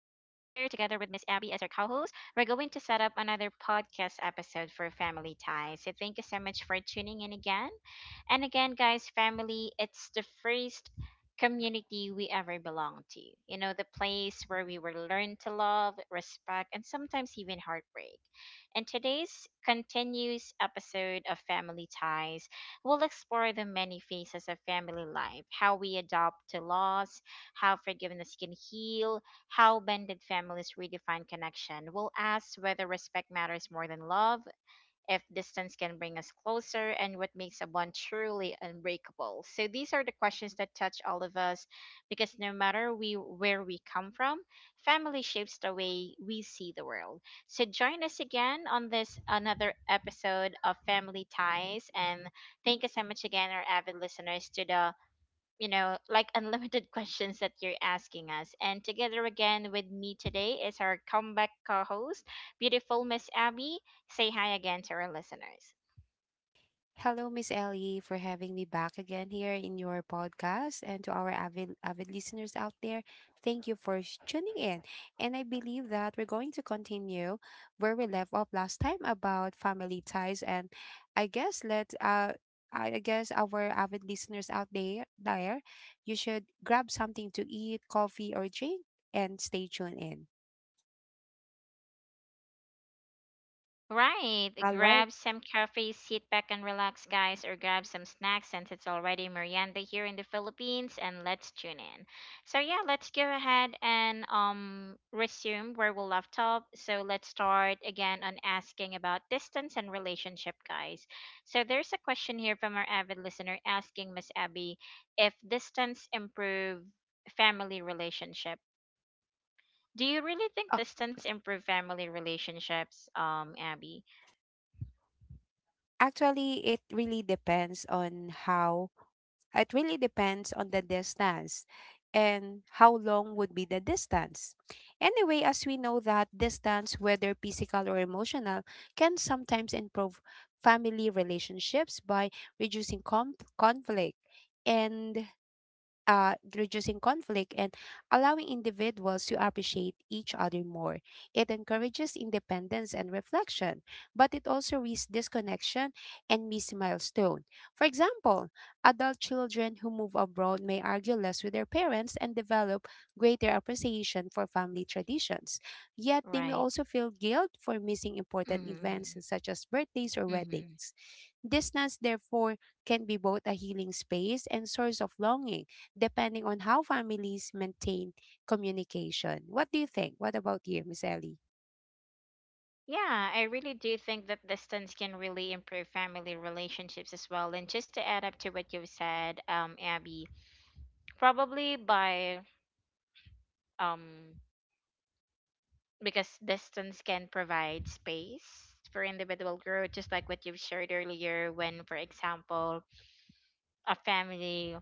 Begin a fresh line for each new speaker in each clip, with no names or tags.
with Miss Abby as our co host, we're going to set up another podcast episode for Family Ties. So, thank you so much for tuning in again. And again, guys, family, it's the first community we ever belonged to. You know, the place where we were learned to love, respect, and sometimes even heartbreak. In today's continuous episode of Family Ties, we'll explore the many phases of family life, how we adopt to loss, how forgiveness can heal, how blended families redefine connection. We'll ask whether respect matters more than love, if distance can bring us closer, and what makes a bond truly unbreakable. So these are the questions that touch all of us because no matter we where we come from, family shapes the way we see the world. So join us again on this another episode of Family Ties and thank you so much again our avid listeners to the you know, like unlimited questions that you're asking us. And together again with me today is our comeback co host, beautiful Miss Abby. Say hi again to our listeners.
Hello, Miss Ellie, for having me back again here in your podcast. And to our avid, avid listeners out there, thank you for tuning in. And I believe that we're going to continue where we left off last time about family ties. And I guess let I guess our avid listeners out there, you should grab something to eat, coffee or drink, and stay tuned in.
Right.
All right.
Grab some coffee, sit back and relax, guys, or grab some snacks since it's already merienda here in the Philippines, and let's tune in. So yeah, let's go ahead and resume where we left off. So let's start again on asking about distance and relationship, guys. So there's a question here from our avid listener asking Miss Abby if distance improve family relationship. Do you really think
Uh,
distance improve family relationships, Abby?
Actually, it really depends on the distance and how long would be the distance. Anyway, as we know that distance, whether physical or emotional, can sometimes improve family relationships by reducing conflict and reducing conflict and allowing individuals to appreciate each other more. It encourages independence and reflection, but it also risks disconnection and missed milestone. For example, adult children who move abroad may argue less with their parents and develop greater appreciation for family traditions. Yet they may
Right.
also feel guilt for missing important
Mm-hmm.
events such as birthdays or
Mm-hmm.
weddings. Distance, therefore, can be both a healing space and source of longing depending on how families maintain communication. What do you think? What about you, Miss Ellie?
Yeah, I really do think that distance can really improve family relationships as well. And just to add up to what you've said, Abby, probably by um because distance can provide space for individual growth, just like what you've shared earlier, when, for example, a family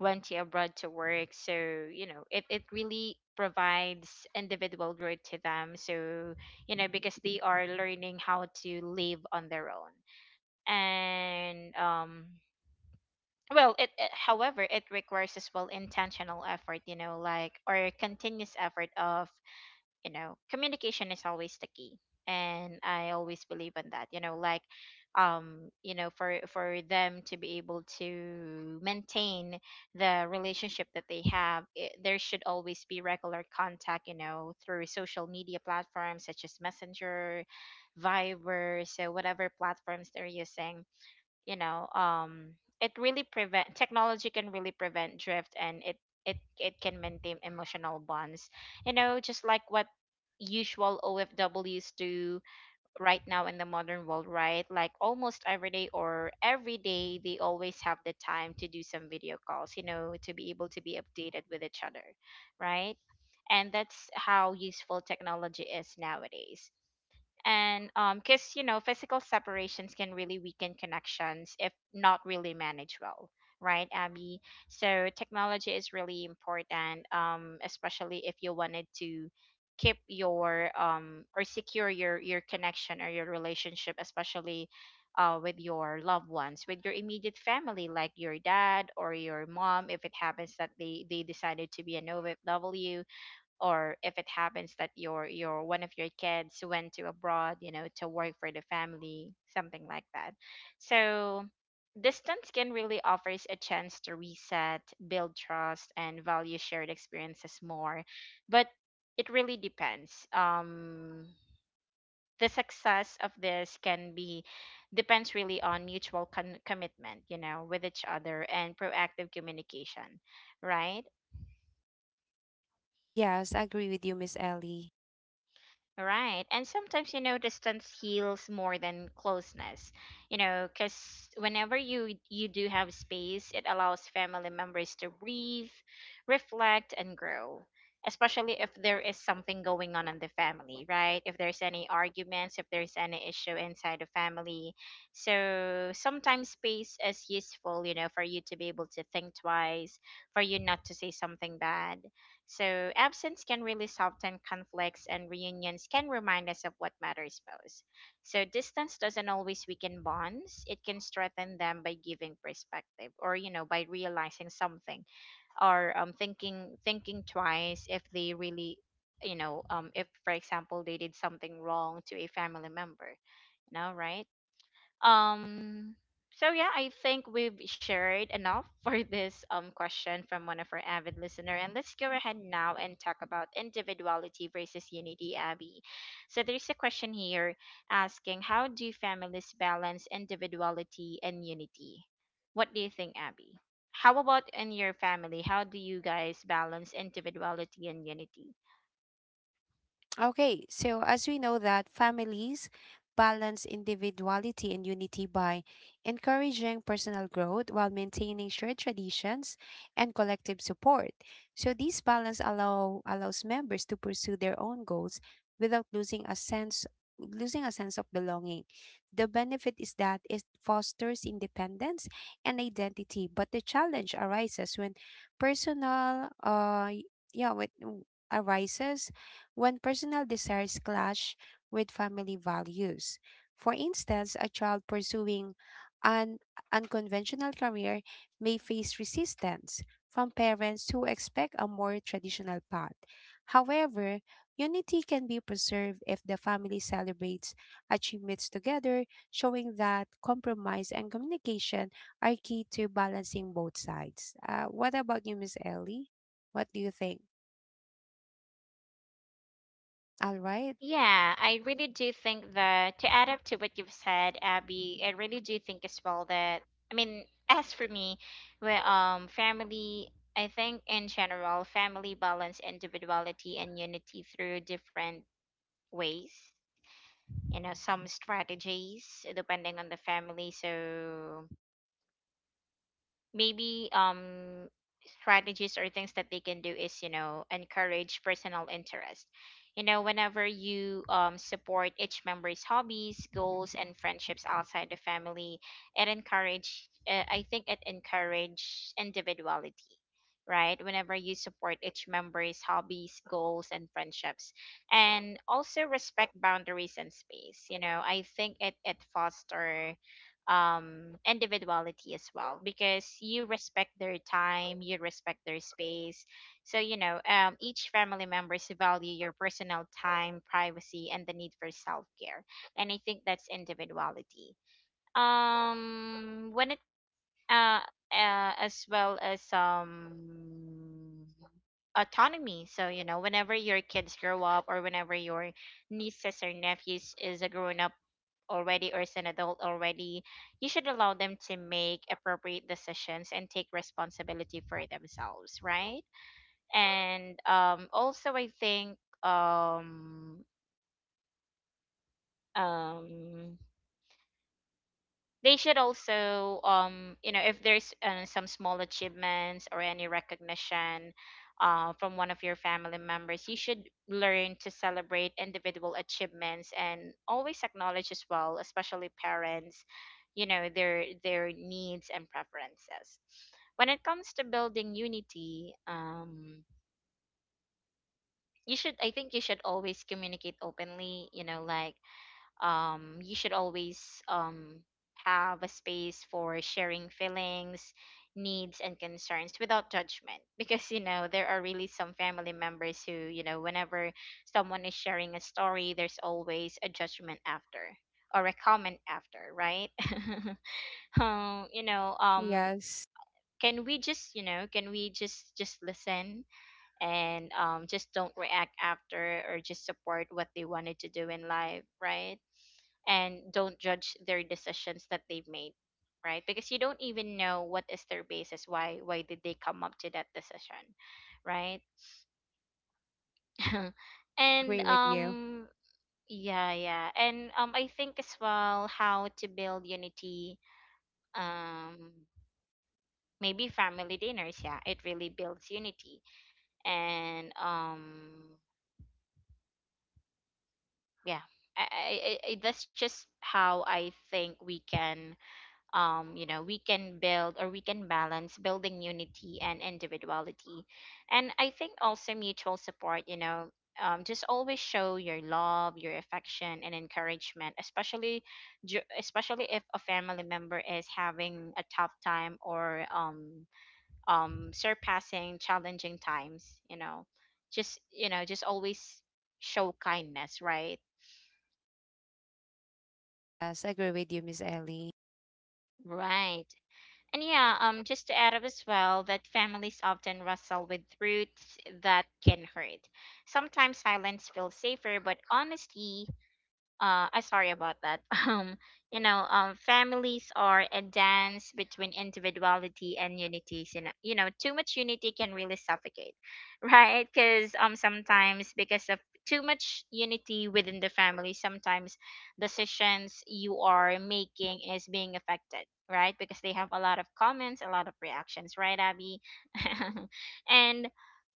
went to abroad to work. So, you know, it really provides individual growth to them. So, you know, because they are learning how to live on their own. And well, it however, it requires as well intentional effort, you know, like or continuous effort of you know communication is always the key, and I always believe in that, you know, like you know, for them to be able to maintain the relationship that they have it, there should always be regular contact, you know, through social media platforms such as messenger, viber, so whatever platforms they're using, you know, it really prevent technology can really prevent drift, and it can maintain emotional bonds, you know, just like what usual OFWs do right now in the modern world, right? Like almost every day or every day, they always have the time to do some video calls, you know, to be able to be updated with each other. Right. And that's how useful technology is nowadays. And because, you know, physical separations can really weaken connections if not really managed well, right, Abby? So technology is really important, especially if you wanted to keep your or secure your connection or your relationship, especially with your loved ones, with your immediate family, like your dad or your mom, if it happens that they decided to be an OFW, or if it happens that your one of your kids went to abroad, you know, to work for the family, something like that. So distance can really offers a chance to reset, build trust, and value shared experiences more. But it really depends, the success of this can be depends really on mutual commitment, you know, with each other and proactive communication, right?
Yes, I agree with you, Miss Ellie.
Right. And sometimes, you know, distance heals more than closeness, you know, because whenever you do have space, it allows family members to breathe, reflect, and grow. Especially if there is something going on in the family, right? If there's any arguments, if there's any issue inside the family. So sometimes space is useful, you know, for you to be able to think twice, for you not to say something bad, so, absence can really soften conflicts, and reunions can remind us of what matters most. So, distance doesn't always weaken bonds, it can strengthen them by giving perspective or, you know, by realizing something or thinking twice if they really, you know, if, for example, they did something wrong to a family member, you know, right? Um, so yeah, I think we've shared enough for this question from one of our avid listener, and let's go ahead now and talk about individuality versus unity, Abby. So there's a question here asking, how do families balance individuality and unity? What do you think, Abby? How about in your family? How do you guys balance individuality and unity?
Okay, so as we know that families balance individuality and unity by encouraging personal growth while maintaining shared traditions and collective support. So this balance allows members to pursue their own goals without losing a sense of belonging. The benefit is that it fosters independence and identity, but the challenge arises when personal yeah, when arises when personal desires clash with family values. For instance, a child pursuing an unconventional career may face resistance from parents who expect a more traditional path. However, unity can be preserved if the family celebrates achievements together, showing that compromise and communication are key to balancing both sides. What about you, Miss Ellie? What do you think? All right.
Yeah, I really do think that to add up to what you've said, Abby, I really do think as well that I mean, as for me, where family, I think in general, family balance individuality and unity through different ways. You know, some strategies depending on the family. So maybe strategies or things that they can do is, you know, encourage personal interest, you know, whenever you support each member's hobbies, goals, and friendships outside the family, it encourage I think it encourage individuality, right? Whenever you support each member's hobbies, goals, and friendships, and also respect boundaries and space. You know, I think it foster individuality as well, because you respect their time, you respect their space. So, you know, each family members value your personal time, privacy, and the need for self-care, and I think that's individuality. When it uh, as well as autonomy. So, you know, whenever your kids grow up or whenever your nieces or nephews is a grown up already or is an adult already, you should allow them to make appropriate decisions and take responsibility for themselves, right? And also I think um um they should also you know, if there's some small achievements or any recognition from one of your family members, you should learn to celebrate individual achievements and always acknowledge as well, especially parents, you know, their needs and preferences. When it comes to building unity, you should, I think you should always communicate openly, you know, like you should always have a space for sharing feelings, needs, and concerns without judgment. Because, you know, there are really some family members who, you know, whenever someone is sharing a story, there's always a judgment after or a comment after, right? You know,
Yes.
can we just, you know, can we just listen and just don't react after or just support what they wanted to do in life, right? And don't judge their decisions that they've made, right? Because you don't even know what is their basis, why did they come up to that decision, right?
I
And
agree with you.
yeah, yeah, and I think as well how to build unity, um maybe family dinners, yeah, it really builds unity. And yeah, that's just how I think we can you know, we can build or we can balance building unity and individuality. And I think also mutual support, you know, just always show your love, your affection, and encouragement, especially especially if a family member is having a tough time or surpassing challenging times, you know, just, you know, just always show kindness, right?
Yes, I agree with you, Miss Ellie.
Right. And yeah, just to add up as well, that families often wrestle with truths that can hurt. Sometimes silence feels safer, but honesty I sorry about that. Um, you know, families are a dance between individuality and unity. You know, too much unity can really suffocate, right? Because sometimes because of too much unity within the family, sometimes decisions you are making is being affected, right? Because they have a lot of comments, a lot of reactions, right, Abby? And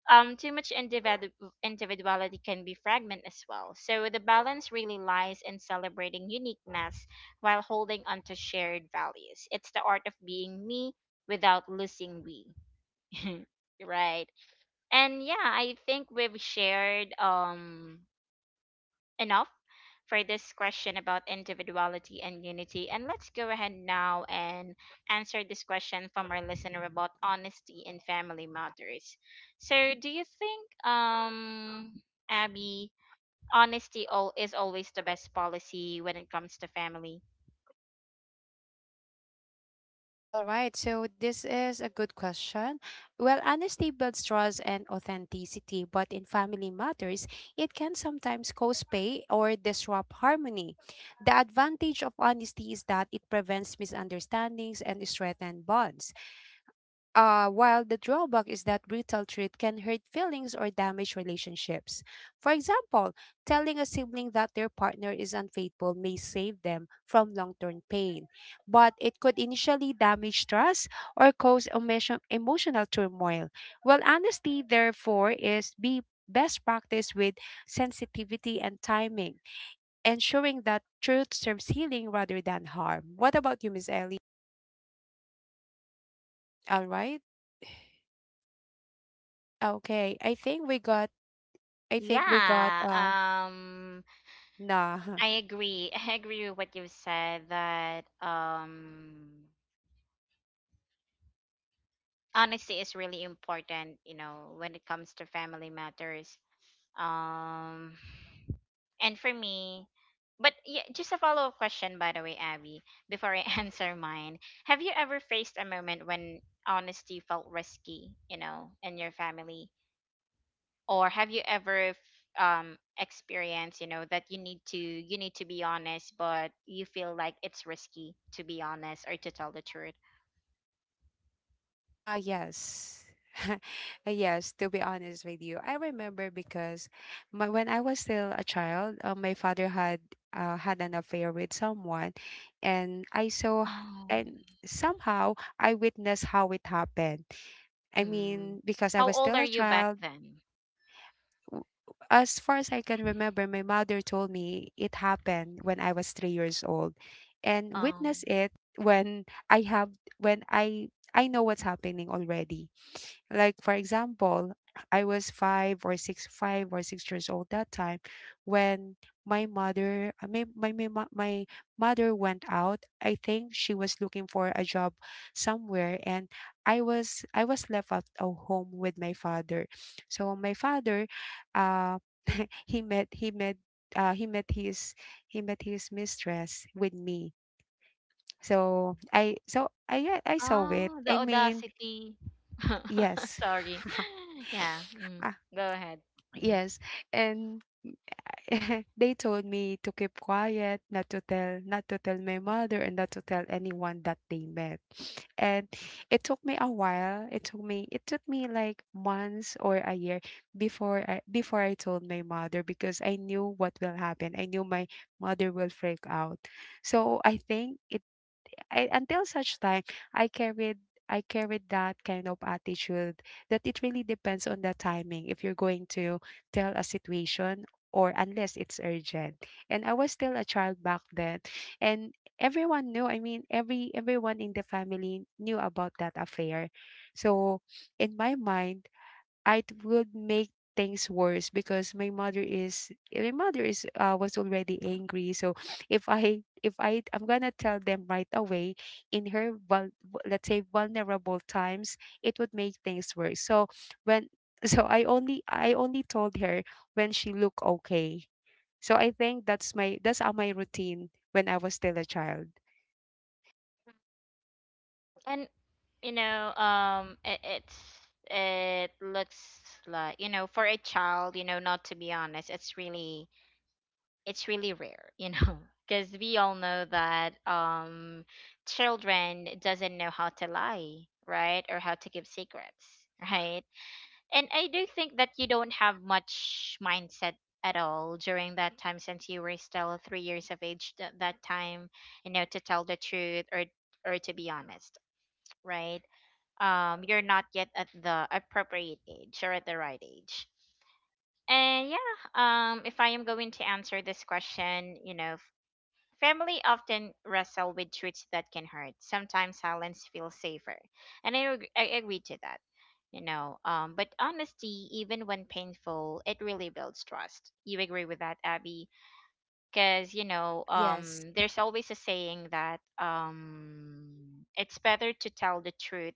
too much individuality can be fragment as well. So the balance really lies in celebrating uniqueness while holding onto shared values. It's the art of being me without losing we. Right. And yeah, I think we've shared enough for this question about individuality and unity. And let's go ahead now and answer this question from our listener about honesty in family matters. So, do you think, Abby, honesty all is always the best policy when it comes to family?
All right, so this is a good question. Well, honesty builds trust and authenticity, but in family matters, it can sometimes cause pay or disrupt harmony. The advantage of honesty is that it prevents misunderstandings and strengthens bonds. While the drawback is that brutal truth can hurt feelings or damage relationships. For example, telling a sibling that their partner is unfaithful may save them from long term pain, but it could initially damage trust or cause emotional turmoil. Well, honesty, therefore, is be best practice with sensitivity and timing, ensuring that truth serves healing rather than harm. What about you, Miss Ellie? All right. Okay, I think we got
Yeah,
nah.
I agree. I agree with what you said that honesty is really important, you know, when it comes to family matters. Um, and for me, but yeah, just a follow up question, by the way, Abby, before I answer mine. Have you ever faced a moment when honesty felt risky, you know, in your family? Or have you ever experienced, you know, that you need to be honest, but you feel like it's risky to be honest or to tell the truth?
Ah, yes. Yes, to be honest with you. I remember because when I was still a child, my father had an affair with someone, and I saw,
Oh,
and somehow I witnessed how it happened. I
mm.
mean, because I
How
was
old
still
are
a
you back
child,
then?
w- as far as I can remember, my mother told me it happened when I was 3 years old, and
Um,
witness it when I have when I know what's happening already. Like for example, I was 5 or 6 years old that time when my mother, my my my, mo- my mother went out. I think she was looking for a job somewhere, and I was left at a home with my father. So my father, uh, he met he met uh, he met his he met his mistress with me. So I saw it.
Oh, the
I mean,
audacity.
yes.
Sorry. Yeah. Mm,
Ah,
go ahead. Mhm.
yes. And they told me to keep quiet, not to tell my mother and not to tell anyone that they met. And it took me a while. It took me like months or a year before I told my mother because I knew what will happen. I knew my mother will freak out. So I think it I, Until such time, I carried I carried that kind of attitude that it really depends on the timing if you're going to tell a situation, or unless it's urgent. And I was still a child back then, and everyone knew. I mean, everyone in the family knew about that affair. So in my mind it would make things worse because my mother is was already angry. So if I'm gonna tell them right away in let's say vulnerable times, it would make things worse. So when I only told her when she looked okay. So I think that's my routine when I was still a child.
And you know, it looks like, you know, for a child, you know, not to be honest, it's really rare, you know, because we all know that children doesn't know how to lie, right, or how to give secrets, right? And I do think that you don't have much mindset at all during that time since you were still 3 years of age at that time, you know, to tell the truth or to be honest, right? You're not yet at the appropriate age or at the right age. And yeah, if I am going to answer this question, you know, family often wrestle with truths that can hurt. Sometimes silence feels safer, and I agree to that. You know, but honesty, even when painful, it really builds trust. You agree with that, Abby? Because you know,
Yes.
there's always a saying that it's better to tell the truth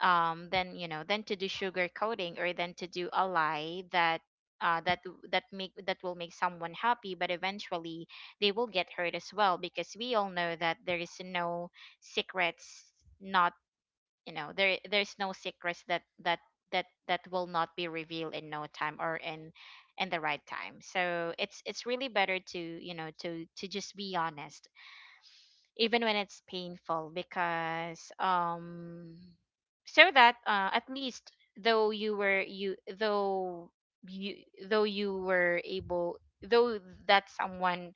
than, you know, than to do sugar coating or than to do a lie that uh, that that make that will make someone happy, but eventually they will get hurt as well, because we all know that there is no secrets. Not, you know, there's no secrets that will not be revealed in no time or in the right time. So it's really better to, you know, to just be honest even when it's painful. Because so that at least you though you were able, though that someone,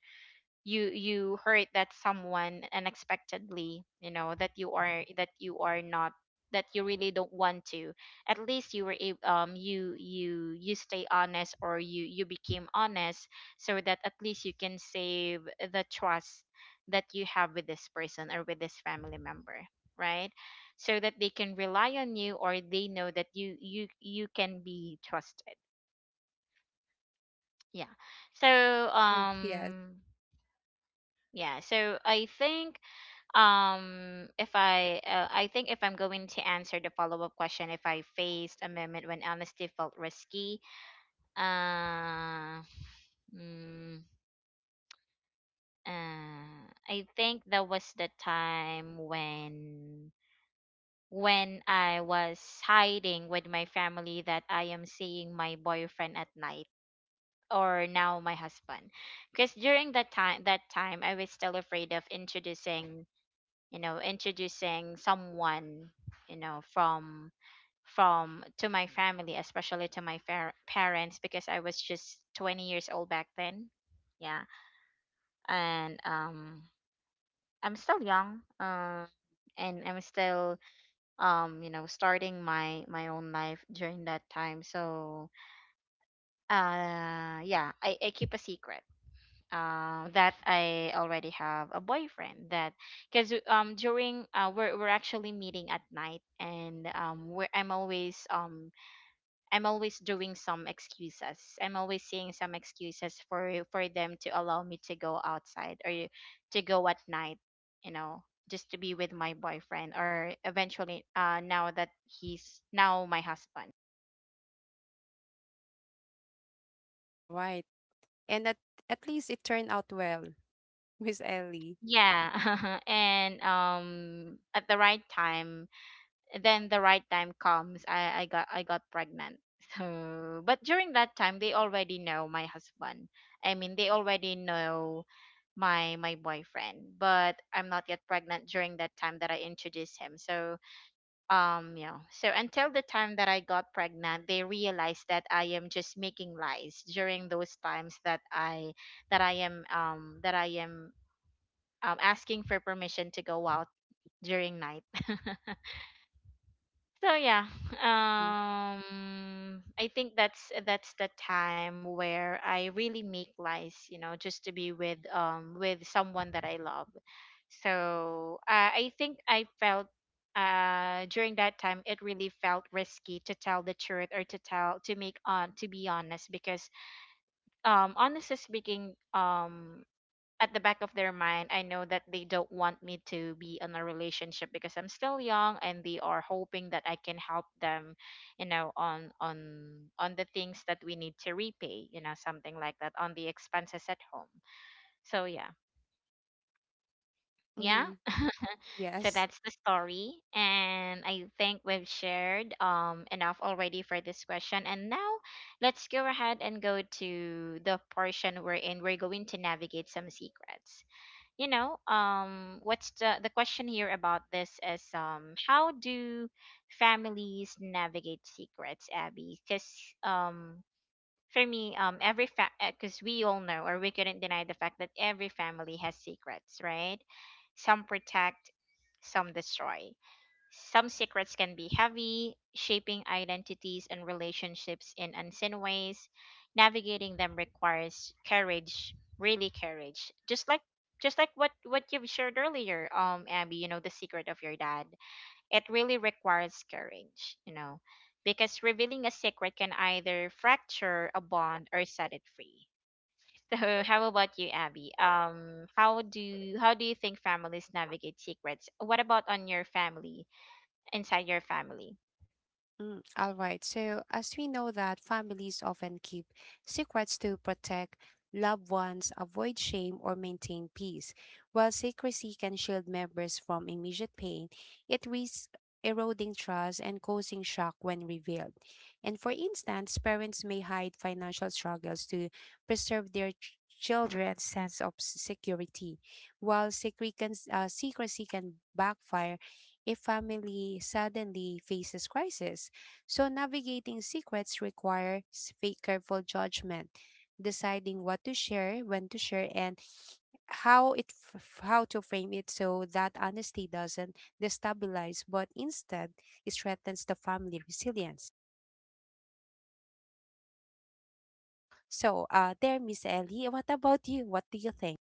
you hurt that someone unexpectedly, you know, that you are, that you are not, that you really don't want to. At least you were able, you you stay honest or you became honest, so that at least you can save the trust that you have with this person or with this family member, right? So that they can rely on you or they know that you you can be trusted. Yeah. So
Mm, yes.
um, yeah, so I think if I think if I'm going to answer the follow-up question, if I faced a moment when honesty felt risky, uh, mm, I think that was the time when I was hiding with my family that I am seeing my boyfriend at night, or now my husband. Because during that time, I was still afraid of introducing, you know, introducing someone, you know, from to my family, especially to my parents, because I was just 20 years old back then. Yeah. And I'm still young, um, and I'm still, um, you know, starting my own life during that time. So yeah, I keep a secret that I already have a boyfriend. That Because during we're actually meeting at night, and I'm always doing some excuses, I'm always seeing some excuses for them to allow me to go outside or to go at night, you know, just to be with my boyfriend, or eventually uh, now that he's now my husband.
All right. And at least it turned out well, Miss Ellie.
Yeah, and at the right time, then the right time comes, I got pregnant. So, but during that time, they already know my husband, I mean, they already know my boyfriend, but I'm not yet pregnant during that time that I introduced him. So um, yeah, so until the time that I got pregnant, they realized that I am just making lies during those times that I am asking for permission to go out during night. So yeah,
Mhm.
um, I think that's the time where I really make lies, you know, just to be with someone that I love. So I think I felt uh, during that time, it really felt risky to tell the truth or to tell to make on to be honest. Because um, honestly speaking, um, at the back of their mind, I know that they don't want me to be in a relationship because I'm still young, and they are hoping that I can help them, you know, on on the things that we need to repay, you know, something like that, on the expenses at home. So yeah. Yeah.
Mhm.
So
Yes.
that's the story, and I think we've shared enough already for this question, and now let's go ahead and go to the portion we're in. We're going to navigate some secrets. You know, what's the question here about this is, um, how do families navigate secrets, Abby? Because um, for me, um, because we all know, or we couldn't deny the fact that every family has secrets, right? Some protect, some destroy. Some secrets can be heavy, shaping identities and relationships in unseen ways. Navigating them requires courage, really courage. Just like what you've shared earlier, Abby, you know, the secret of your dad. It really requires courage, you know, because revealing a secret can either fracture a bond or set it free. So, how about you, Abby? How do, how do you think families navigate secrets? What about on your family? Inside your family.
Mm, all right. So, as we know that families often keep secrets to protect loved ones, avoid shame, or maintain peace. While secrecy can shield members from immediate pain, it risks eroding trust and causing shock when revealed. And for instance, parents may hide financial struggles to preserve their children's sense of security, while secrecy can backfire if family suddenly faces crisis. So navigating secrets requires careful judgment, deciding what to share, when to share, and how to frame it so that honesty doesn't destabilize but instead it strengthens the family resilience. So there Miss Ellie, what about you? What do you think?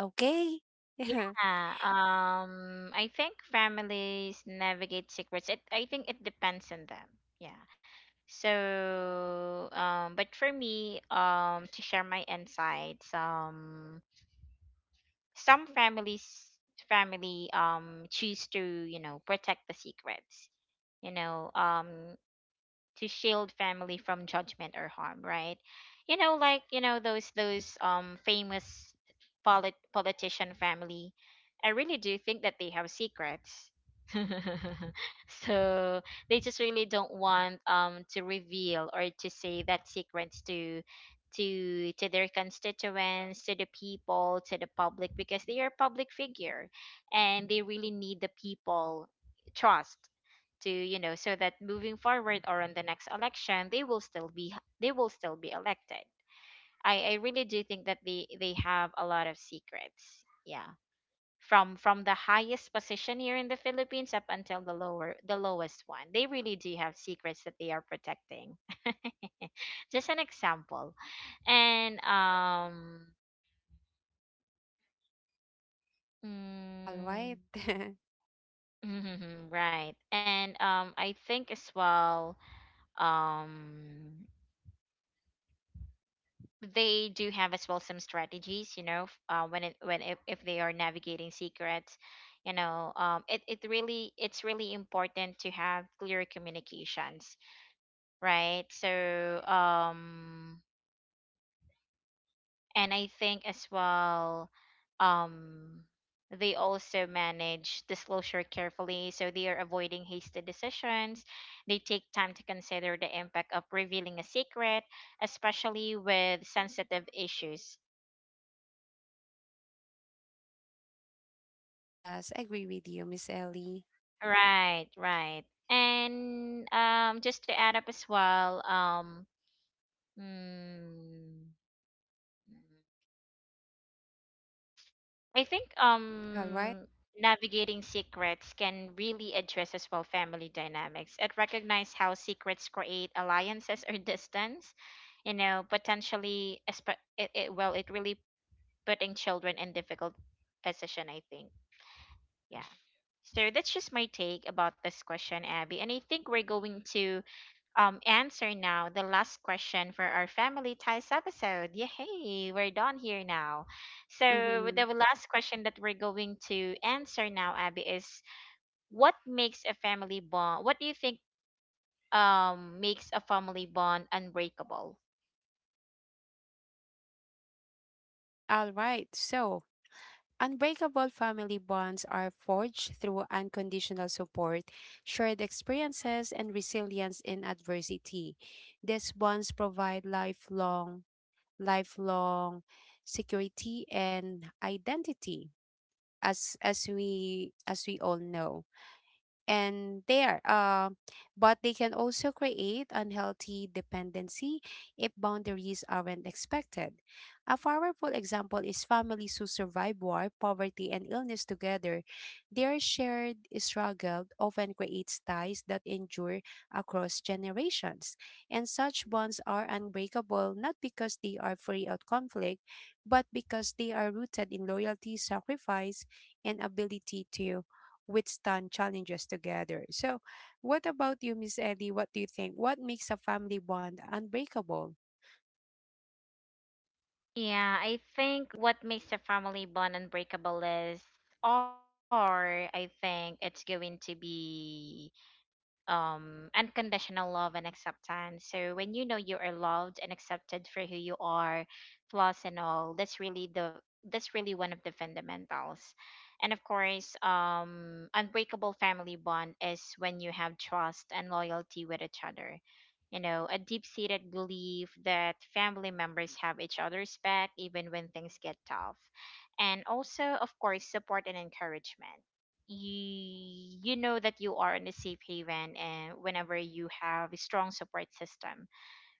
Okay.
Yeah, I think families navigate secrets. I think it depends on them. Yeah. So, but for me, to share my insights, some families, family, choose to, you know, protect the secrets. You know, to shield family from judgment or harm, right? You know, like, you know, those um, famous politician family. I really do think that they have secrets. So they just really don't want um, to reveal or to say that secrets to to their constituents, to the people, to the public, because they are public figure, and they really need the people trust, to, you know, so that moving forward or on the next election, they will still be, they will still be elected. I really do think that they have a lot of secrets. Yeah. From the highest position here in the Philippines up until the lower the lowest one, they really do have secrets that they are protecting. Just an example. And um,
All
mm,
right.
right. And um, I think as well, um, they do have as well some strategies, you know, when it, when if they are navigating secrets, you know, um, it really, it's really important to have clear communications, right? So um, and I think as well um, they also manage disclosure carefully, so they are avoiding hasty decisions. They take time to consider the impact of revealing a secret, especially with sensitive issues.
Yes, I agree with you, Miss Ellie.
Right, right. And um, just to add up as well, um, mm, I think
All right.
um, navigating secrets can really address as well family dynamics. It recognizes how secrets create alliances or distance, you know, potentially it, well, it really putting children in difficult position, I think. Yeah. So that's just my take about this question, Abby. And I think we're going to answer now the last question for our family ties episode. Yay, we're done here now. So
Mm-hmm.
the last question that we're going to answer now, Abby, is what makes a family bond? What do you think um, makes a family bond unbreakable?
All right. So unbreakable family bonds are forged through unconditional support, shared experiences, and resilience in adversity. These bonds provide lifelong security and identity, as we all know. And there But they can also create unhealthy dependency if boundaries aren't expected. A powerful example is families who survive war, poverty, and illness together. Their shared struggle often creates ties that endure across generations, and such bonds are unbreakable not because they are free of conflict, but because they are rooted in loyalty, sacrifice, and ability to withstand challenges together. So, what about you, Miss Ellie? What do you think? What makes a family bond unbreakable?
Yeah, I think what makes a family bond unbreakable is, or I think it's going to be um, unconditional love and acceptance. So when you know you are loved and accepted for who you are, flaws and all, that's really the that's really one of the fundamentals. And of course, um, unbreakable family bond is when you have trust and loyalty with each other, you know, a deep-seated belief that family members have each other's back, even when things get tough. And also, of course, support and encouragement. You know that you are in a safe haven, and whenever you have a strong support system,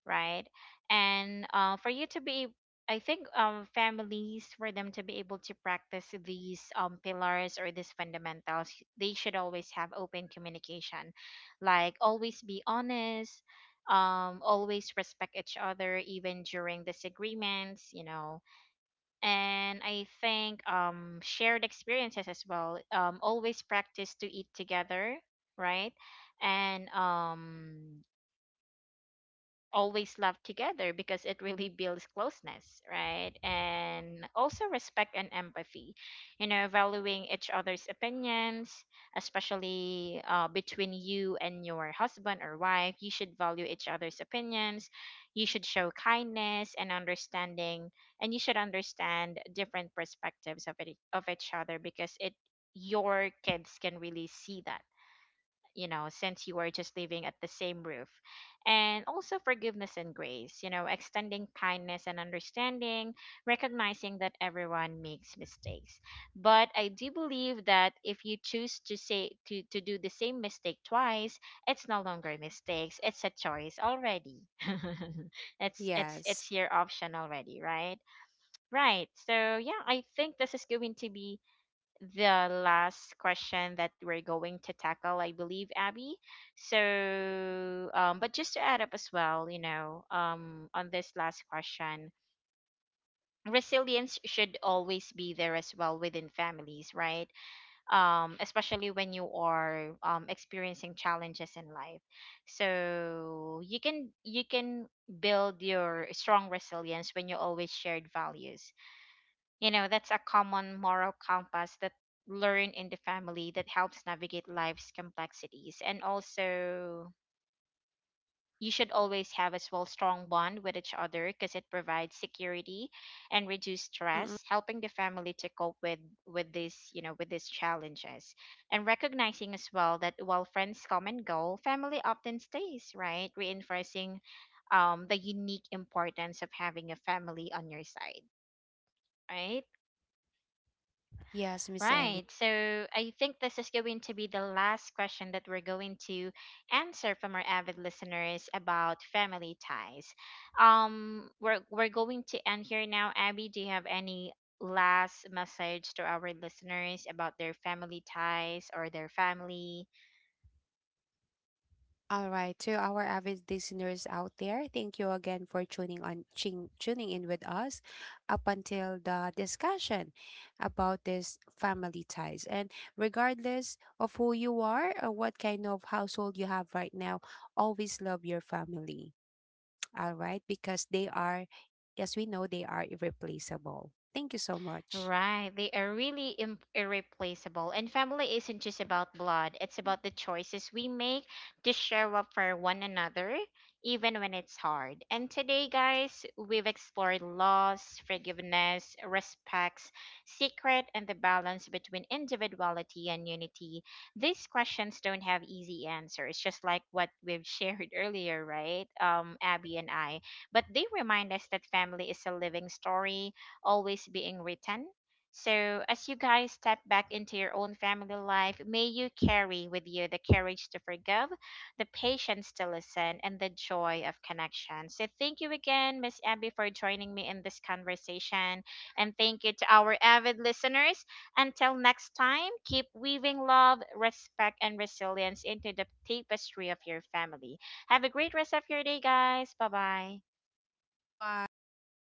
right? And for you to be, I think families, for them to be able to practice these pillars or these fundamentals, they should always have open communication, like always be honest, always respect each other even during disagreements, you know. And I think um, shared experiences as well. Always practice to eat together, right? And um, always laugh together, because it really builds closeness, right? And also respect and empathy, you know, valuing each other's opinions, especially between you and your husband or wife. You should value each other's opinions. You should show kindness and understanding, and you should understand different perspectives of it, of each other, because it your kids can really see that, you know, since you are just living at the same roof. And also forgiveness and grace, you know, extending kindness and understanding, recognizing that everyone makes mistakes. But I do believe that if you choose to do the same mistake twice, it's no longer mistakes. It's a choice already. it's it's
Yes.
it's your option already, right? Right. So yeah, I think this is going to be the last question that we're going to tackle, I believe, Abby. So, but just to add up as well, you know, on this last question, resilience should always be there as well within families, right? Especially when you are experiencing challenges in life. So you can build your strong resilience when you always shared values, you know, that's a common moral compass that learn in the family that helps navigate life's complexities. And also, you should always have as well strong bond with each other, because it provides security and reduce
Mm-mm.
stress, helping the family to cope with these, you know, with these challenges. And recognizing as well that while friends come and go, family often stays, right? Reinforcing the unique importance of having a family on your side, right?
Yes, Miss Ellie.
Right. So I think this is going to be the last question that we're going to answer from our avid listeners about family ties. We're going to end here now. Abby, do you have any last message to our listeners about their family ties or their family?
All right, to our avid listeners out there, thank you again for tuning in with us up until the discussion about this family ties. And regardless of who you are or what kind of household you have right now, always love your family. All right, because they are, as we know, they are irreplaceable. Thank you so much.
Right. They are really irreplaceable. And family isn't just about blood, it's about the choices we make to show up for one another, even when it's hard. And today, guys, we've explored loss, forgiveness, respects, secret, and the balance between individuality and unity. These questions don't have easy answers, just like what we've shared earlier, right? Abby and I. But they remind us that family is a living story, always being written. So, as you guys step back into your own family life, may you carry with you the courage to forgive, the patience to listen, and the joy of connection. So, thank you again, Miss Abby, for joining me in this conversation. And thank you to our avid listeners. Until next time, keep weaving love, respect, and resilience into the tapestry of your family. Have a great rest of your day, guys. Bye bye.
Bye.